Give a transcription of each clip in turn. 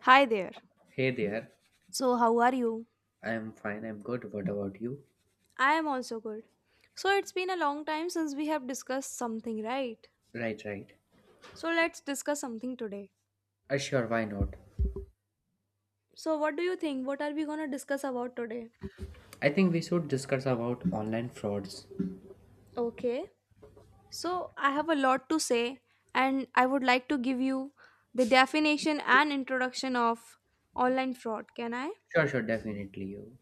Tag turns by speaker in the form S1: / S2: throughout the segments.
S1: Hi there.
S2: Hey there.
S1: So, how are you?
S2: I'm fine, I'm good. What about you?
S1: I am also good. So, it's been a long time since we have discussed something, right?
S2: Right, right.
S1: So, let's discuss something today.
S2: Sure, why not?
S1: So, what do you think? What are we going to discuss about today?
S2: I think we should discuss about online frauds.
S1: Okay. So, I have a lot to say, and I would like to give you the definition and introduction of online fraud. Can I?
S2: Sure, sure, definitely. You.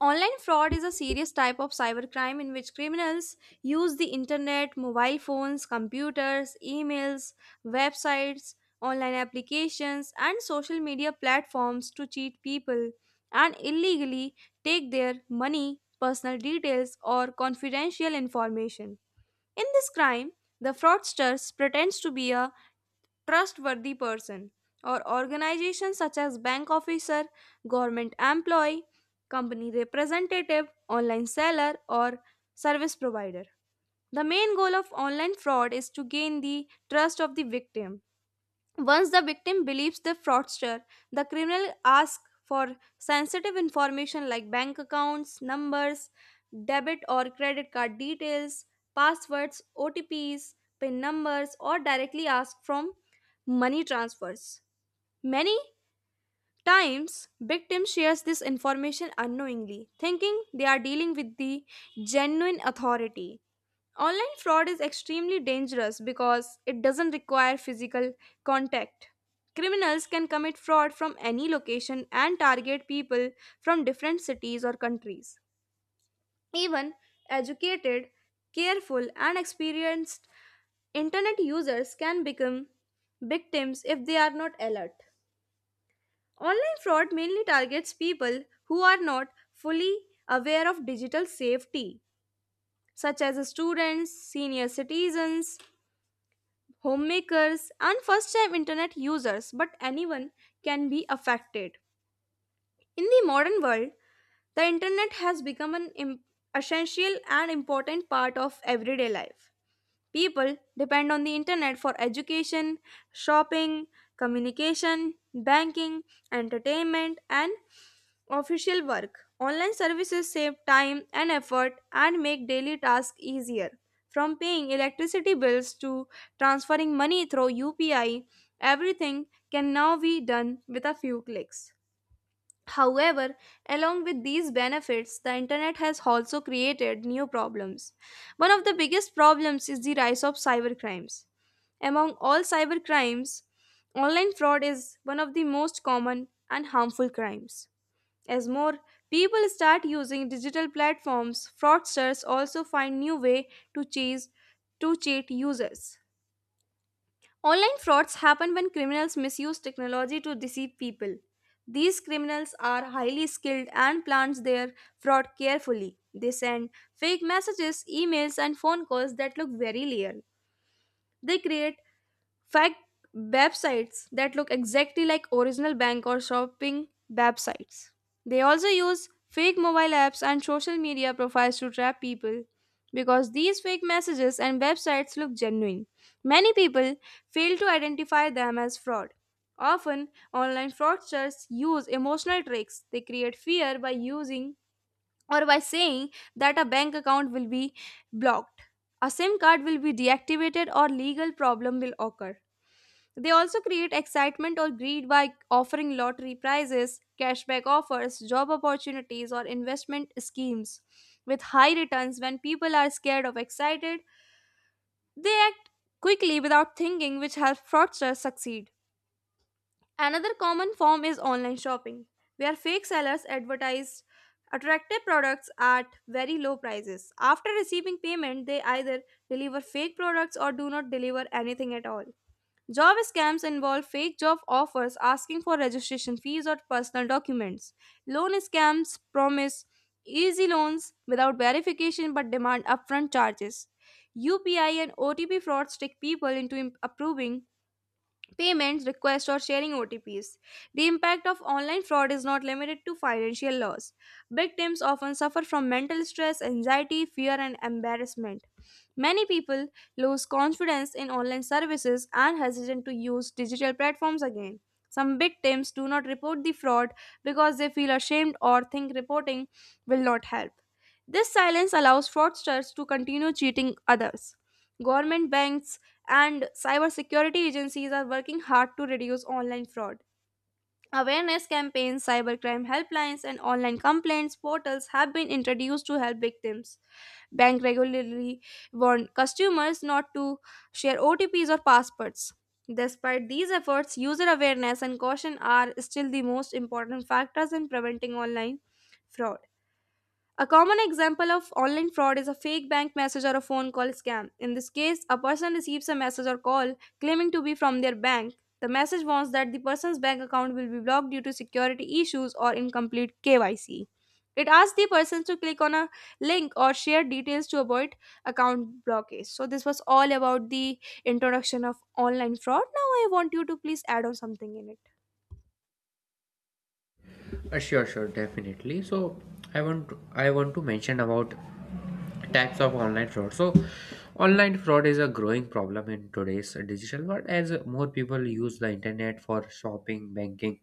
S1: Online fraud is a serious type of cybercrime in which criminals use the internet, mobile phones, computers, emails, websites, online applications, and social media platforms to cheat people and illegally take their money, personal details, or confidential information. In this crime, the fraudster pretends to be a trustworthy person or organization such as bank officer, government employee, company representative, online seller or service provider. The main goal of online fraud is to gain the trust of the victim once the victim believes the fraudster, the criminal asks for sensitive information like bank accounts, numbers, debit or credit card details, passwords, OTPs, PIN numbers, or directly asks from money transfers. Many times, victims shares this information unknowingly, thinking they are dealing with the genuine authority. Online fraud is extremely dangerous because it doesn't require physical contact. Criminals can commit fraud from any location and target people from different cities or countries. Even educated, careful, and experienced internet users can become victims if they are not alert. Online fraud mainly targets people who are not fully aware of digital safety, such as students, senior citizens, homemakers, and first time internet users, but anyone can be affected. In the modern world, the internet has become an essential and important part of everyday life. People depend on the internet for education, shopping, communication, banking, entertainment, and official work. Online services save time and effort and make daily tasks easier. From paying electricity bills to transferring money through UPI, everything can now be done with a few clicks. However, along with these benefits, the internet has also created new problems. One of the biggest problems is the rise of cybercrimes. Among all cybercrimes, online fraud is one of the most common and harmful crimes. As more people start using digital platforms, fraudsters also find new way to chase to cheat users. Online frauds happen when criminals misuse technology to deceive people. These criminals are highly skilled and plans their fraud carefully. They send fake messages, emails, and phone calls that look very real. They create fake websites that look exactly like original bank or shopping websites. They also use fake mobile apps and social media profiles to trap people because these fake messages and websites look genuine. Many people fail to identify them as fraud. Often, online fraudsters use emotional tricks. They create fear by using or by saying that a bank account will be blocked, a SIM card will be deactivated, or legal problem will occur. They also create excitement or greed by offering lottery prizes, cashback offers, job opportunities, or investment schemes with high returns. When people are scared or excited, they act quickly without thinking, which helps fraudsters succeed. Another common form is online shopping, where fake sellers advertise attractive products at very low prices. After receiving payment, they either deliver fake products or do not deliver anything at all. Job scams involve fake job offers asking for registration fees or personal documents. Loan scams promise easy loans without verification but demand upfront charges. UPI and OTP frauds trick people into approving payments, requests, or sharing OTPs. The impact of online fraud is not limited to financial loss. Victims often suffer from mental stress, anxiety, fear, and embarrassment. Many people lose confidence in online services and hesitant to use digital platforms again. Some victims do not report the fraud because they feel ashamed or think reporting will not help. This silence allows fraudsters to continue cheating others. Government banks and cybersecurity agencies are working hard to reduce online fraud. Awareness campaigns, cybercrime helplines, and online complaints portals have been introduced to help victims. Banks regularly warn customers not to share OTPs or passwords. Despite these efforts, user awareness and caution are still the most important factors in preventing online fraud. A common example of online fraud is a fake bank message or a phone call scam. In this case, a person receives a message or call claiming to be from their bank. The message warns that the person's bank account will be blocked due to security issues or incomplete KYC. It asks the person to click on a link or share details to avoid account blockage. So, this was all about the introduction of online fraud. Now, I want you to please add on something in it.
S2: Sure, sure, definitely. So, I want to mention about types of online fraud. So, online fraud is a growing problem in today's digital world as more people use the internet for shopping, banking,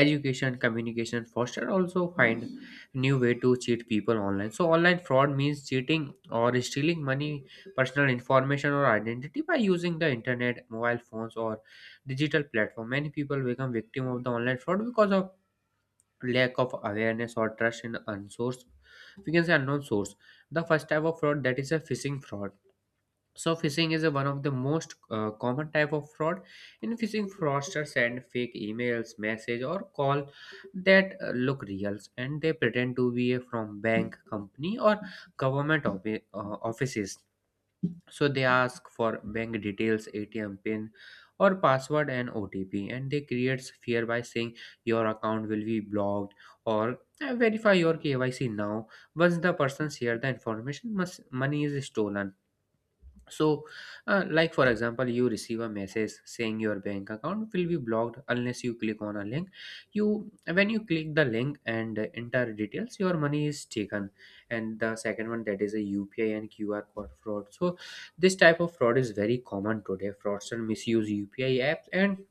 S2: education communication foster also find new way to cheat people online. So online fraud means cheating or stealing money, personal information, or identity by using the internet, mobile phones, or digital platform. Many people become victim of the online fraud because of lack of awareness or trust in unsourced we can say unknown source. The first type of fraud, that is a phishing fraud. So phishing is one of the most common type of fraud. In phishing, fraudsters send fake emails, message, or call that look real, and they pretend to be from bank, company, or government offices. So they ask for bank details, ATM pin, or password and OTP, and they create fear by saying your account will be blocked or, Verify your KYC now." Once the person share the information, money is stolen. So, like for example, you receive a message saying your bank account will be blocked unless you click on a link. You when you click the link and enter details, your money is taken. And the second one, that is a UPI and QR code fraud. So, this type of fraud is very common today. Fraudsters misuse UPI apps and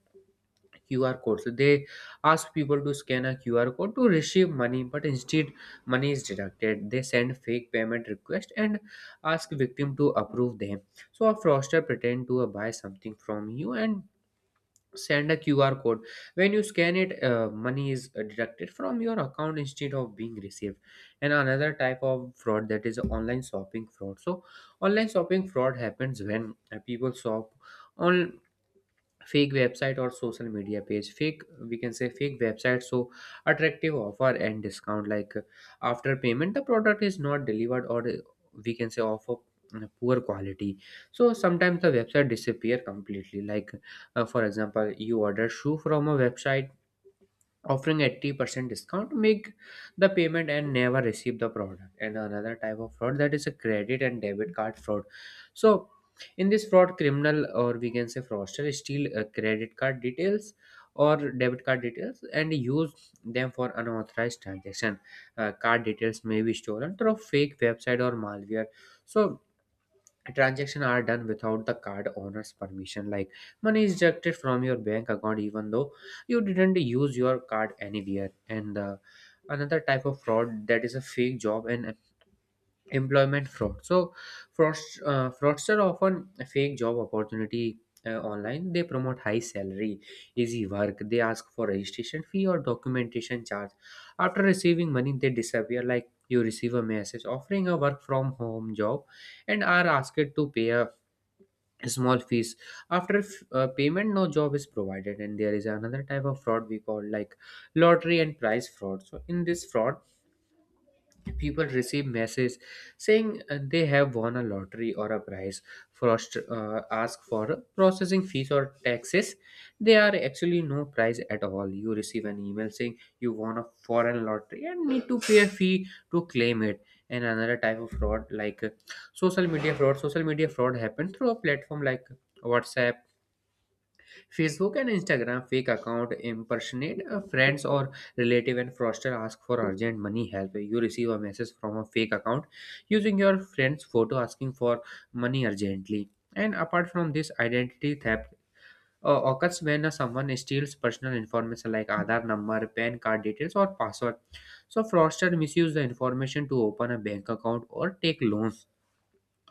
S2: QR code. So they ask people to scan a QR code to receive money, but instead money is deducted. They send fake payment request and ask victim to approve them. So a fraudster pretend to buy something from you and send a QR code. When you scan it, money is deducted from your account instead of being received. And another type of fraud, that is online shopping fraud. So online shopping fraud happens when people shop on fake website or social media page, fake we can say fake website. So attractive offer and discount, like after payment the product is not delivered, or we can say offer poor quality. So sometimes the website disappear completely. Like for example, you order shoe from a website offering 80% discount, make the payment and never receive the product. And another type of fraud, that is a credit and debit card fraud. So in this fraud, criminal, or we can say fraudster steal credit card details or debit card details and use them for unauthorized transaction. Card details may be stolen through fake website or malware. So transactions are done without the card owner's permission. Like money is deducted from your bank account even though you didn't use your card anywhere. And another type of fraud, that is a fake job and employment fraud. So fraud, fraudster often fake job opportunity online. They promote high salary, easy work. They ask for registration fee or documentation charge. After receiving money they disappear. Like you receive a message offering a work from home job and are asked to pay a small fees. After payment, no job is provided. And there is another type of fraud we call, like lottery and prize fraud. So in this fraud, people receive messages saying they have won a lottery or a prize. First, ask for processing fees or taxes. There are actually no prize at all. You receive an email saying you won a foreign lottery and need to pay a fee to claim it. And another type of fraud, like social media fraud. Social media fraud happens through a platform like WhatsApp, Facebook and Instagram. Fake account impersonate a friends or relative, and fraudster ask for urgent money help. You receive a message from a fake account using your friend's photo asking for money urgently. And apart from this, identity theft occurs when someone steals personal information like Aadhaar number, PAN card details, or password. So fraudster misuse the information to open a bank account or take loans.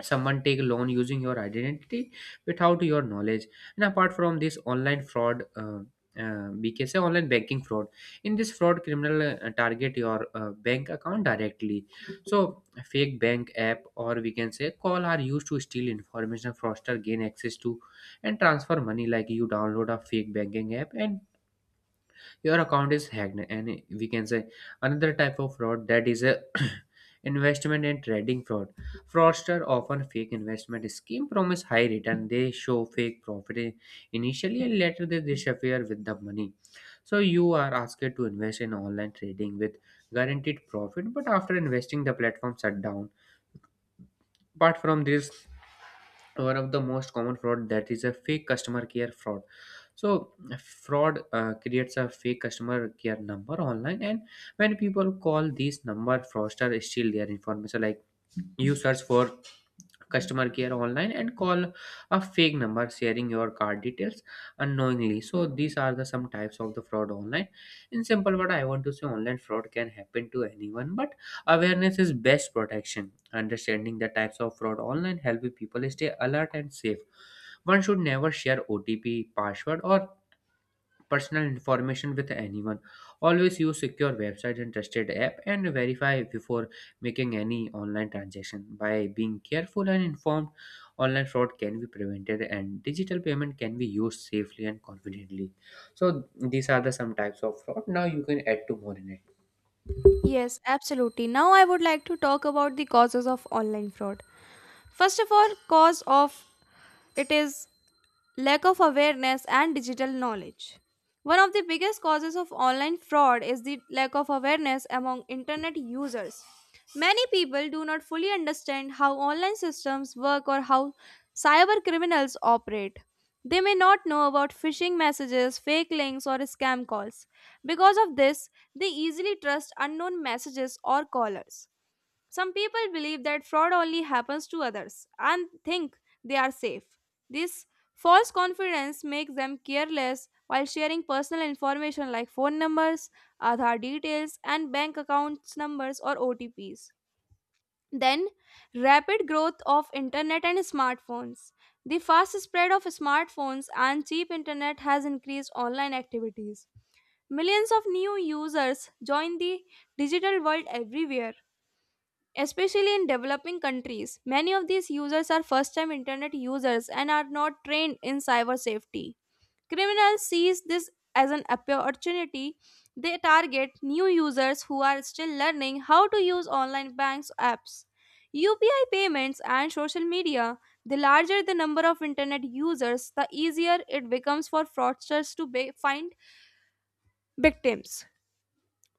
S2: Someone take loan using your identity without your knowledge. And apart from this, online fraud, bks online banking fraud. In this fraud, criminal target your bank account directly. So fake bank app, or we can say call, are used to steal information. Fraudster gain access to and transfer money. Like you download a fake banking app and your account is hacked. And we can say another type of fraud, that is a investment and trading fraud. Fraudsters often fake investment scheme, promise high return. They show fake profit initially and later they disappear with the money. So you are asked to invest in online trading with guaranteed profit, but after investing the platform shut down. Apart from this, one of the most common fraud, that is a fake customer care fraud. So fraud creates a fake customer care number online, and when people call this number, fraudster steal their information. Like you search for customer care online and call a fake number, sharing your card details unknowingly. So these are the some types of the fraud online. In simple word, I want to say online fraud can happen to anyone, but awareness is best protection. Understanding the types of fraud online help people stay alert and safe. One should never share OTP, password, or personal information with anyone. Always use secure website and trusted app, and verify before making any online transaction. By being careful and informed, online fraud can be prevented and digital payment can be used safely and confidently. So these are the some types of fraud. Now you can add to more in it.
S1: Yes, absolutely. Now, I would like to talk about the causes of online fraud. First of all, cause of it is lack of awareness and digital knowledge. One of the biggest causes of online fraud is the lack of awareness among internet users. Many people do not fully understand how online systems work or how cyber criminals operate. They may not know about phishing messages, fake links, or scam calls. Because of this, they easily trust unknown messages or callers. Some people believe that fraud only happens to others and think they are safe. This false confidence makes them careless while sharing personal information like phone numbers, Aadhaar details, and bank accounts numbers or OTPs. Then, rapid growth of internet and smartphones. The fast spread of smartphones and cheap internet has increased online activities. Millions of new users join the digital world everywhere. Especially in developing countries, many of these users are first time internet users and are not trained in cyber safety. Criminals seize this as an opportunity. They target new users who are still learning how to use online banks apps, UPI payments, and social media. The larger the number of internet users, the easier it becomes for fraudsters to find victims.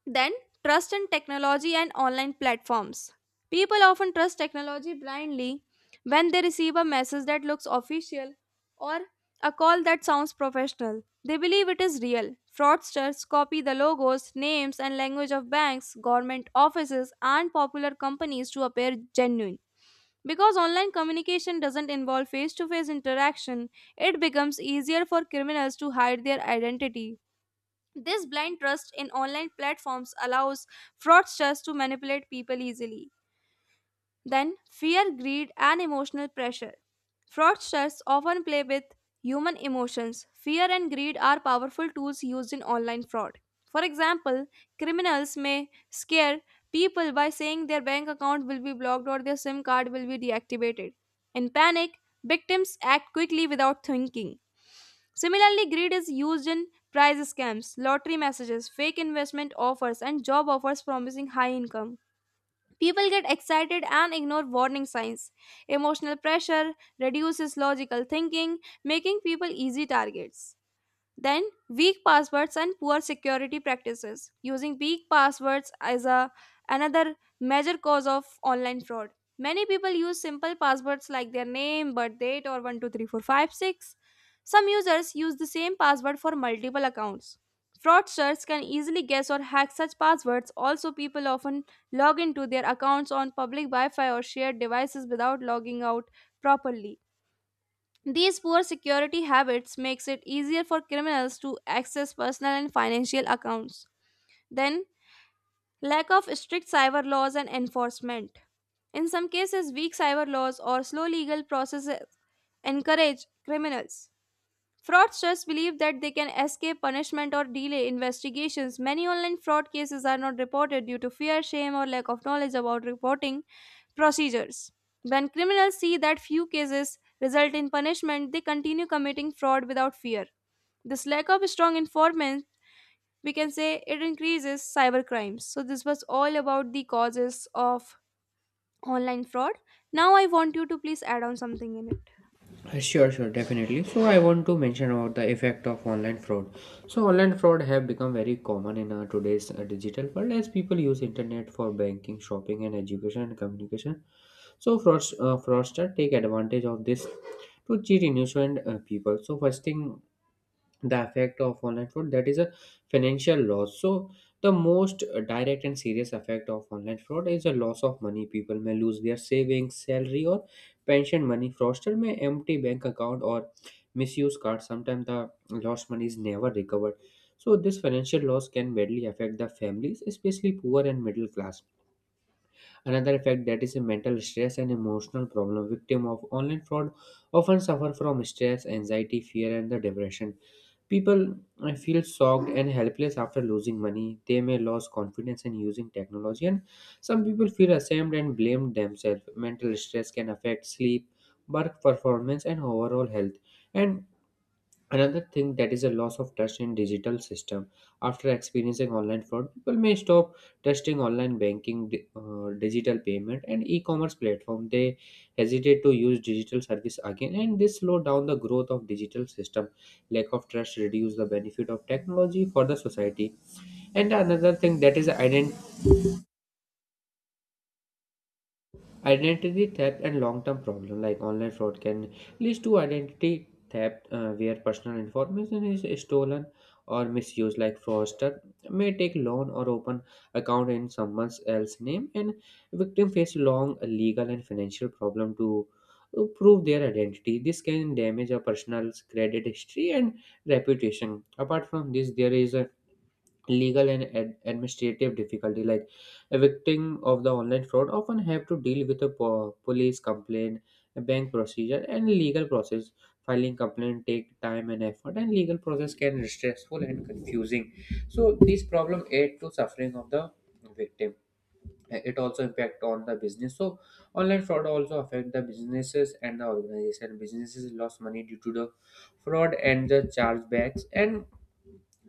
S1: Then, trust in technology and online platforms. People often trust technology blindly when they receive a message that looks official or a call that sounds professional. They believe it is real. Fraudsters copy the logos, names, and language of banks, government offices, and popular companies to appear genuine. Because online communication doesn't involve face to face interaction, it becomes easier for criminals to hide their identity. This blind trust in online platforms allows fraudsters to manipulate people easily. Then, fear, greed, and emotional pressure. Fraudsters often play with human emotions. Fear and greed are powerful tools used in online fraud. For example, criminals may scare people by saying their bank account will be blocked or their SIM card will be deactivated. In panic, victims act quickly without thinking. Similarly, greed is used in prize scams, lottery messages, fake investment offers, and job offers promising high income. People get excited and ignore warning signs. Emotional pressure reduces logical thinking, making people easy targets. Then, weak passwords and poor security practices. Using weak passwords is another major cause of online fraud. Many people use simple passwords like their name, birth date, or 123456. Some users use the same password for multiple accounts. Fraudsters can easily guess or hack such passwords. Also, people often log into their accounts on public Wi Fi or shared devices without logging out properly. These poor security habits makes it easier for criminals to access personal and financial accounts. Then, lack of strict cyber laws and enforcement. In some cases, weak cyber laws or slow legal processes encourage criminals. Fraudsters believe that they can escape punishment or delay investigations. Many online fraud cases are not reported due to fear, shame, or lack of knowledge about reporting procedures. When criminals see that few cases result in punishment, they continue committing fraud without fear. This lack of strong informant, we can say it increases cyber crimes. So, this was all about the causes of online fraud. Now, I want you to please add on something in it.
S2: Sure, sure, definitely. So I want to mention about the effect of online fraud. So online fraud have become very common in today's digital world as people use internet for banking, shopping, and education and communication. So fraudsters take advantage of this to cheat innocent people. So first thing, the effect of online fraud, that is a financial loss. So the most direct and serious effect of online fraud is a loss of money. People may lose their savings, salary, or pension money. Fraudster may empty bank account or misuse card. Sometimes the lost money is never recovered. So this financial loss can badly affect the families, especially poor and middle class. Another effect, that is a mental stress and emotional problem. Victim of online fraud often suffer from stress, anxiety, fear, and the depression. People feel shocked and helpless after losing money. They may lose confidence in using technology, and some people feel ashamed and blame themselves. Mental stress can affect sleep, work performance, and overall health. And another thing, that is a loss of trust in digital system. After experiencing online fraud, people may stop trusting online banking, digital payment, and e-commerce platform. They hesitate to use digital service again, and this slow down the growth of digital system. Lack of trust reduce the benefit of technology for the society. And another thing, that is identity theft and long-term problem. Like online fraud can lead to identity theft, where personal information is stolen or misused. Like fraudster may take loan or open account in someone else's name, and victim face long legal and financial problem to prove their identity. This can damage a person's credit history and reputation. Apart from this, there is a legal and administrative difficulty. Like a victim of the online fraud often have to deal with a police complaint, a bank procedure, and legal process. Filing complaint take time and effort, and legal process can be stressful and confusing. So this problem add to suffering of the victim. It also impact on the business. So online fraud also affect the businesses and the organization. Businesses lost money due to the fraud and the chargebacks, and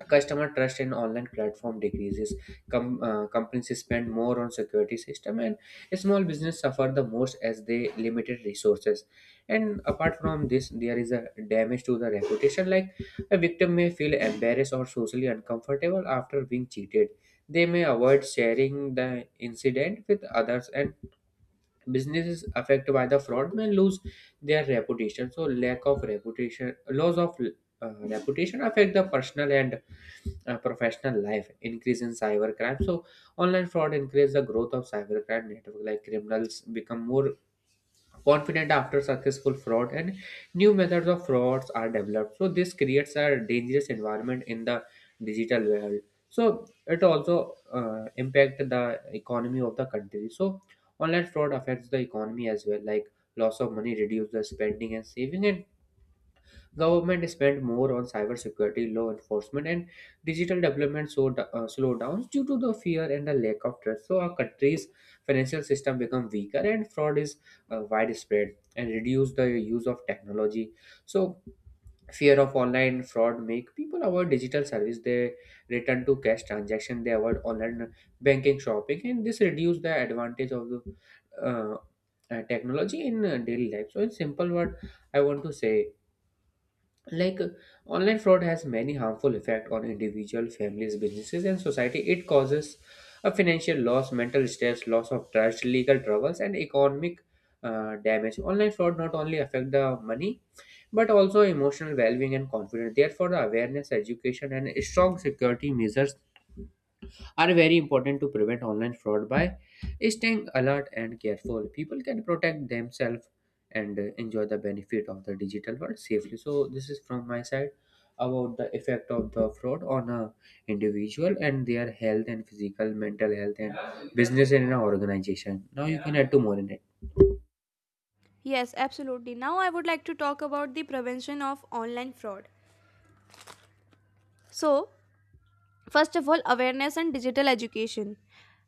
S2: customer trust in online platform decreases. Companies spend more on security system, and small business suffer the most as they limited resources. And apart from this, there is a damage to the reputation. Like a victim may feel embarrassed or socially uncomfortable after being cheated. They may avoid sharing the incident with others, and businesses affected by the fraud may lose their reputation. So lack of reputation loss of reputation affect the personal and professional life. Increase in cybercrime. So online fraud encourages the growth of cybercrime network. Like criminals become more confident after successful fraud, and new methods of frauds are developed. So this creates a dangerous environment in the digital world. So it also impact the economy of the country. So, online fraud affects the economy as well, like loss of money, reduce the spending and saving, and government spent more on cybersecurity, law enforcement, and digital development, so slowdowns due to the fear and the lack of trust. So our country's financial system become weaker, and fraud is widespread and reduce the use of technology. So fear of online fraud make people avoid digital service. They return to cash transaction. They avoid online banking, shopping, and this reduce the advantage of the uh, technology in daily life. So in simple word, I want to say like uh, online fraud has many harmful effects on individual, families, businesses and society. It causes a financial loss, mental stress, loss of trust, legal troubles and economic damage. Online fraud not only affect the money but also emotional well-being and confidence. Therefore the awareness, education and strong security measures are very important to prevent online fraud. By staying alert and careful, people can protect themselves and enjoy the benefit of the digital world safely. So this is from my side about the effect of the fraud on a individual and their health and physical, mental health and business and an organization. Now you can add to more in it.
S1: Yes, absolutely. Now I would like to talk about the prevention of online fraud. So, first of all, awareness and digital education.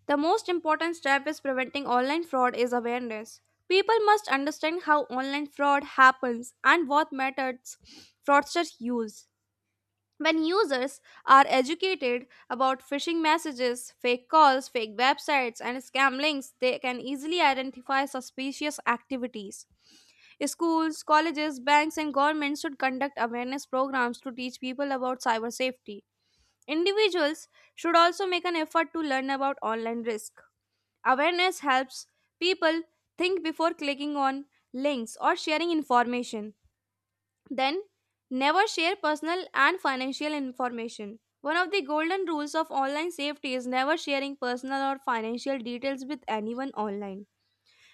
S1: The most important step is preventing online fraud is awareness. People must understand how online fraud happens and what methods fraudsters use. When users are educated about phishing messages, fake calls, fake websites, and scam links, they can easily identify suspicious activities. Schools, colleges, banks, and governments should conduct awareness programs to teach people about cyber safety. Individuals should also make an effort to learn about online risk. Awareness helps people think before clicking on links or sharing information. Then, never share personal and financial information. One of the golden rules of online safety is never sharing personal or financial details with anyone online.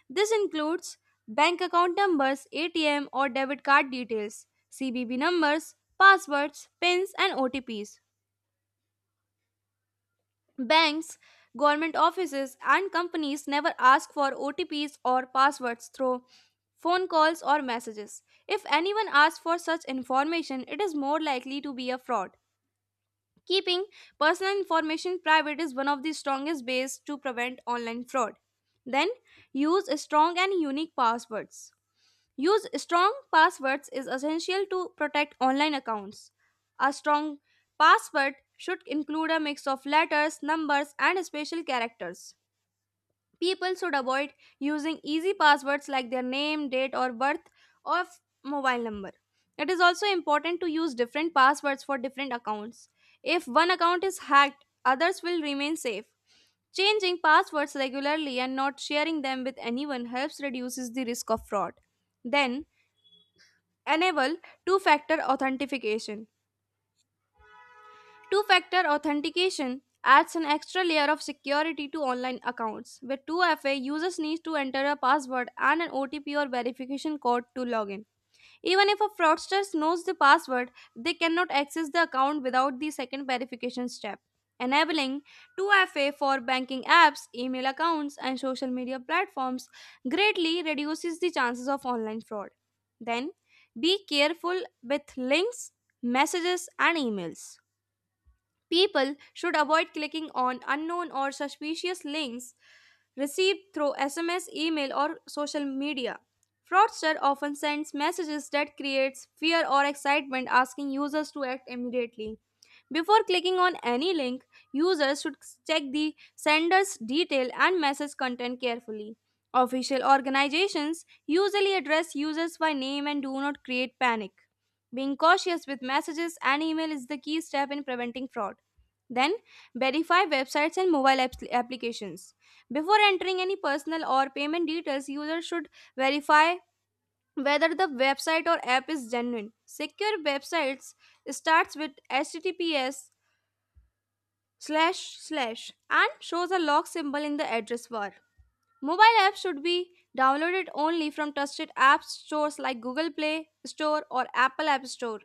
S1: This includes bank account numbers, ATM or debit card details, CBB numbers, passwords, PINs, and OTPs. Banks, government offices, and companies never ask for OTPs or passwords through phone calls or messages. If anyone asks for such information, it is more likely to be a fraud. Keeping personal information private is one of the strongest ways to prevent online fraud. Then, use strong and unique passwords. Use strong passwords is essential to protect online accounts. A strong password should include a mix of letters, numbers, and special characters. People should avoid using easy passwords like their name, date of birth, or mobile number. It is also important to use different passwords for different accounts. If one account is hacked, others will remain safe. Changing passwords regularly and not sharing them with anyone helps reduces the risk of fraud. Then, enable two factor authentication. Two factor authentication adds an extra layer of security to online accounts. With 2FA, users need to enter a password and an OTP or verification code to log in. Even if a fraudster knows the password, they cannot access the account without the second verification step, enabling 2FA for banking apps, email accounts, and social media platforms greatly reduces the chances of online fraud. Then, be careful with links, messages, and emails. People should avoid clicking on unknown or suspicious links received through SMS, email, or social media. Fraudster often sends messages that creates fear or excitement asking users to act immediately. Before clicking on any link, users should check the sender's detail and message content carefully. Official organizations usually address users by name and do not create panic. Being cautious with messages and email is the key step in preventing fraud. Then, verify websites and applications. Before entering any personal or payment details, users should verify whether the website or app is genuine. Secure websites starts with https slash slash and shows a lock symbol in the address bar. Mobile apps should be downloaded only from trusted app stores like Google Play Store or Apple App Store.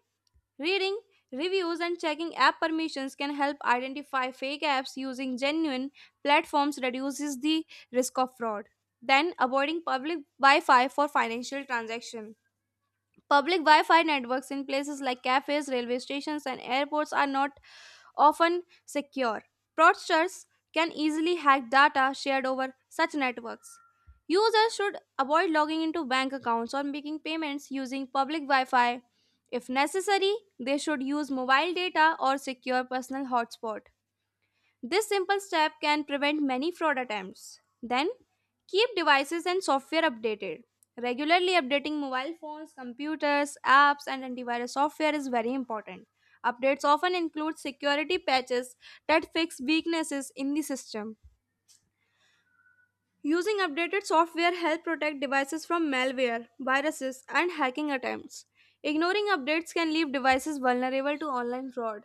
S1: Reading reviews and checking app permissions can help identify fake apps using genuine platforms reduces the risk of fraud. Then avoiding public Wi-Fi for financial transaction. Public Wi-Fi networks in places like cafes, railway stations and airports are not often secure. Fraudsters can easily hack data shared over such networks. Users should avoid logging into bank accounts or making payments using public Wi Fi. If necessary, they should use mobile data or secure personal hotspots. This simple step can prevent many fraud attempts. Then, keep devices and software updated. Regularly updating mobile phones, computers, apps, and antivirus software is very important. Updates often include security patches that fix weaknesses in the system. Using updated software help protect devices from malware, viruses, and hacking attempts. Ignoring updates can leave devices vulnerable to online fraud.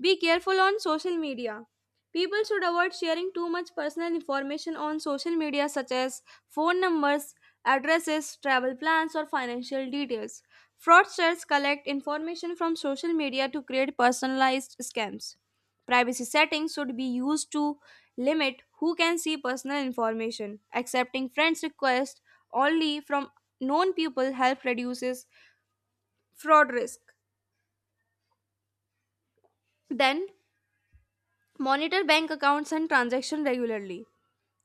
S1: Be careful on social media. People should avoid sharing too much personal information on social media, such as phone numbers, addresses, travel plans, or financial details. Fraudsters collect information from social media to create personalized scams. Privacy settings should be used to limit who can see personal information. Accepting friends' requests only from known people help reduces fraud risk. Then monitor bank accounts and transactions regularly.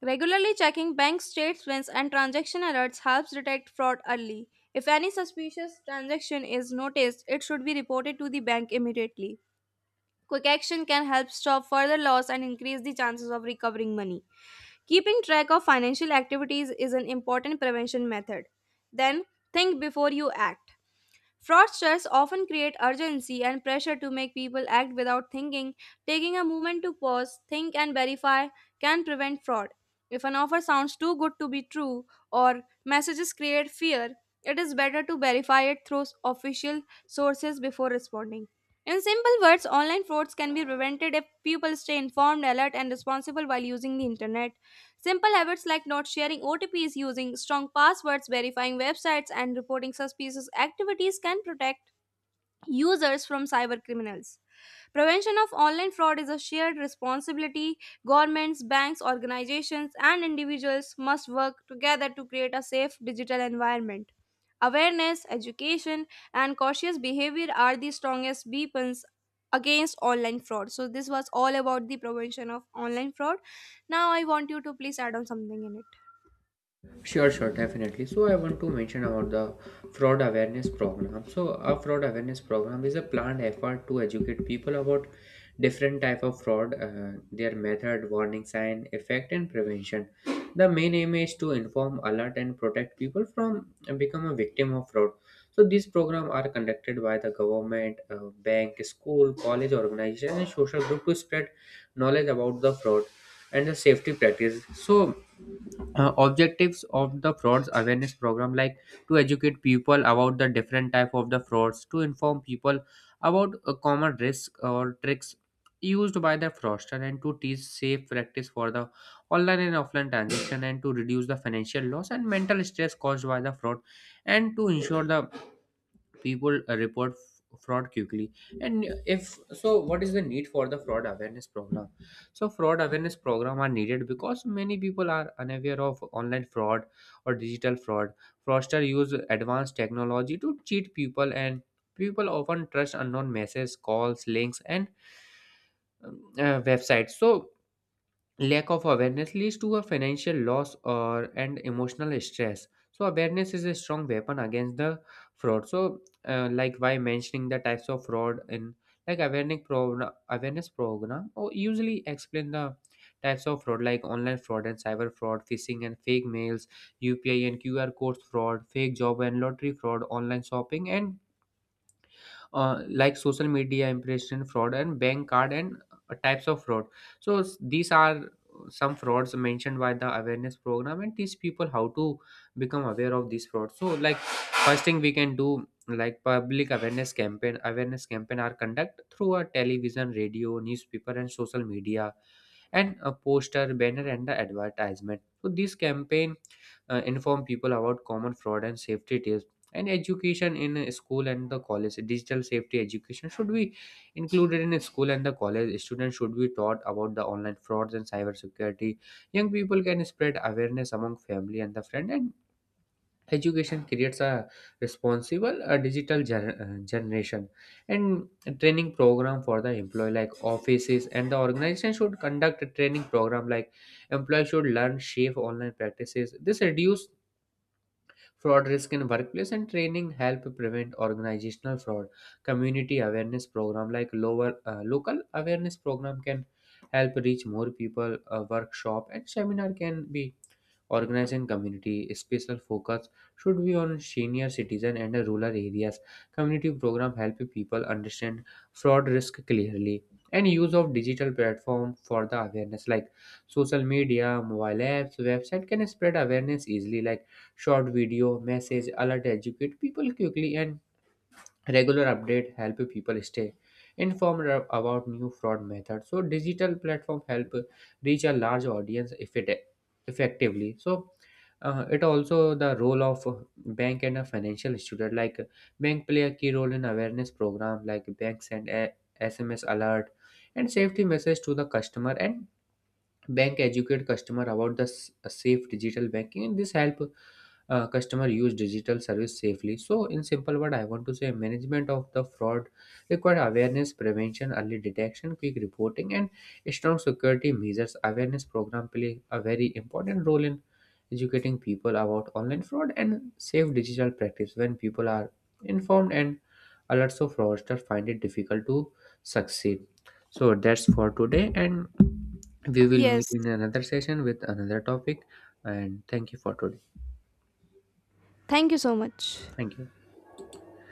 S1: Regularly checking bank statements and transaction alerts helps detect fraud early. If any suspicious transaction is noticed, it should be reported to the bank immediately. Quick action can help stop further loss and increase the chances of recovering money. Keeping track of financial activities is an important prevention method. Then, think before you act. Fraudsters often create urgency and pressure to make people act without thinking. Taking a moment to pause, think, and verify can prevent fraud. If an offer sounds too good to be true or messages create fear, it is better to verify it through official sources before responding. In simple words, online frauds can be prevented if people stay informed, alert, and responsible while using the internet. Simple habits like not sharing OTPs, using strong passwords, verifying websites, and reporting suspicious activities can protect users from cyber criminals. Prevention of online fraud is a shared responsibility. Governments, banks, organizations, and individuals must work together to create a safe digital environment. Awareness, education, and cautious behavior are the strongest weapons against online fraud. So, this was all about the prevention of online fraud. Now, I want you to please add on something in it.
S2: Sure, sure, definitely. So I want to mention about the fraud awareness program. So a fraud awareness program is a planned effort to educate people about different type of fraud, their method, warning sign, effect, and prevention. The main aim is to inform, alert, and protect people from become a victim of fraud. So these programs are conducted by the government, bank, school, college organization, and social group to spread knowledge about the fraud and the safety practice. So objectives of the frauds awareness program, like to educate people about the different type of the frauds, to inform people about common risks or tricks used by the fraudster, and to teach safe practice for the online and offline transaction, and to reduce the financial loss and mental stress caused by the fraud, and to ensure the people report fraud quickly. And if so, what is the need for the fraud awareness program? So fraud awareness program are needed because many people are unaware of online fraud or digital fraud. Fraudster use advanced technology to cheat people, and people often trust unknown messages, calls, links and websites. So lack of awareness leads to a financial loss or and emotional stress. So awareness is a strong weapon against the fraud. So like by mentioning the types of fraud in like awareness program, awareness program or usually explain the types of fraud like online fraud and cyber fraud, phishing and fake mails, upi and qr codes fraud, fake job and lottery fraud, online shopping and like social media impression fraud and bank card and types of fraud. So these are some frauds mentioned by the awareness program, and teach people how to become aware of these frauds. So like first thing we can do, like public awareness campaign. Awareness campaign are conduct through a television, radio, newspaper and social media, and a poster, banner and the advertisement. So this campaign inform people about common fraud and safety tips. And education in school and the college, digital safety education should be included in school and the college. Students should be taught about the online frauds and cybersecurity. Young people can spread awareness among family and the friend, and education creates a responsible digital generation. And a training program for the employee, like offices and the organization should conduct a training program. Like employees should learn safe online practices. This reduce fraud risk in workplace, and training help prevent organizational fraud. Community awareness program, like lower local awareness program can help reach more people. A workshop and seminar can be organizing community. Special focus should be on senior citizen and rural areas. Community program help people understand fraud risk clearly. And use of digital platform for the awareness, like social media, mobile apps, website can spread awareness easily. Like short video, message, alert educate people quickly, and regular update help people stay informed about new fraud methods. So digital platform help reach a large audience if it effectively. So it also the role of bank and a financial student, like bank play a key role in awareness program, like banks and SMS alert and safety message to the customer. And bank educate customer about the safe digital banking, and this help customer use digital service safely. So in simple word, I want to say management of the fraud require awareness, prevention, early detection, quick reporting and strong security measures. Awareness program play a very important role in educating people about online fraud and safe digital practice. When people are informed and alert, so fraudsters find it difficult to succeed. So that's for today, and we will meet
S1: Yes,
S2: in another session with another topic. And thank you for today.
S1: thank you so much.
S2: Thank you.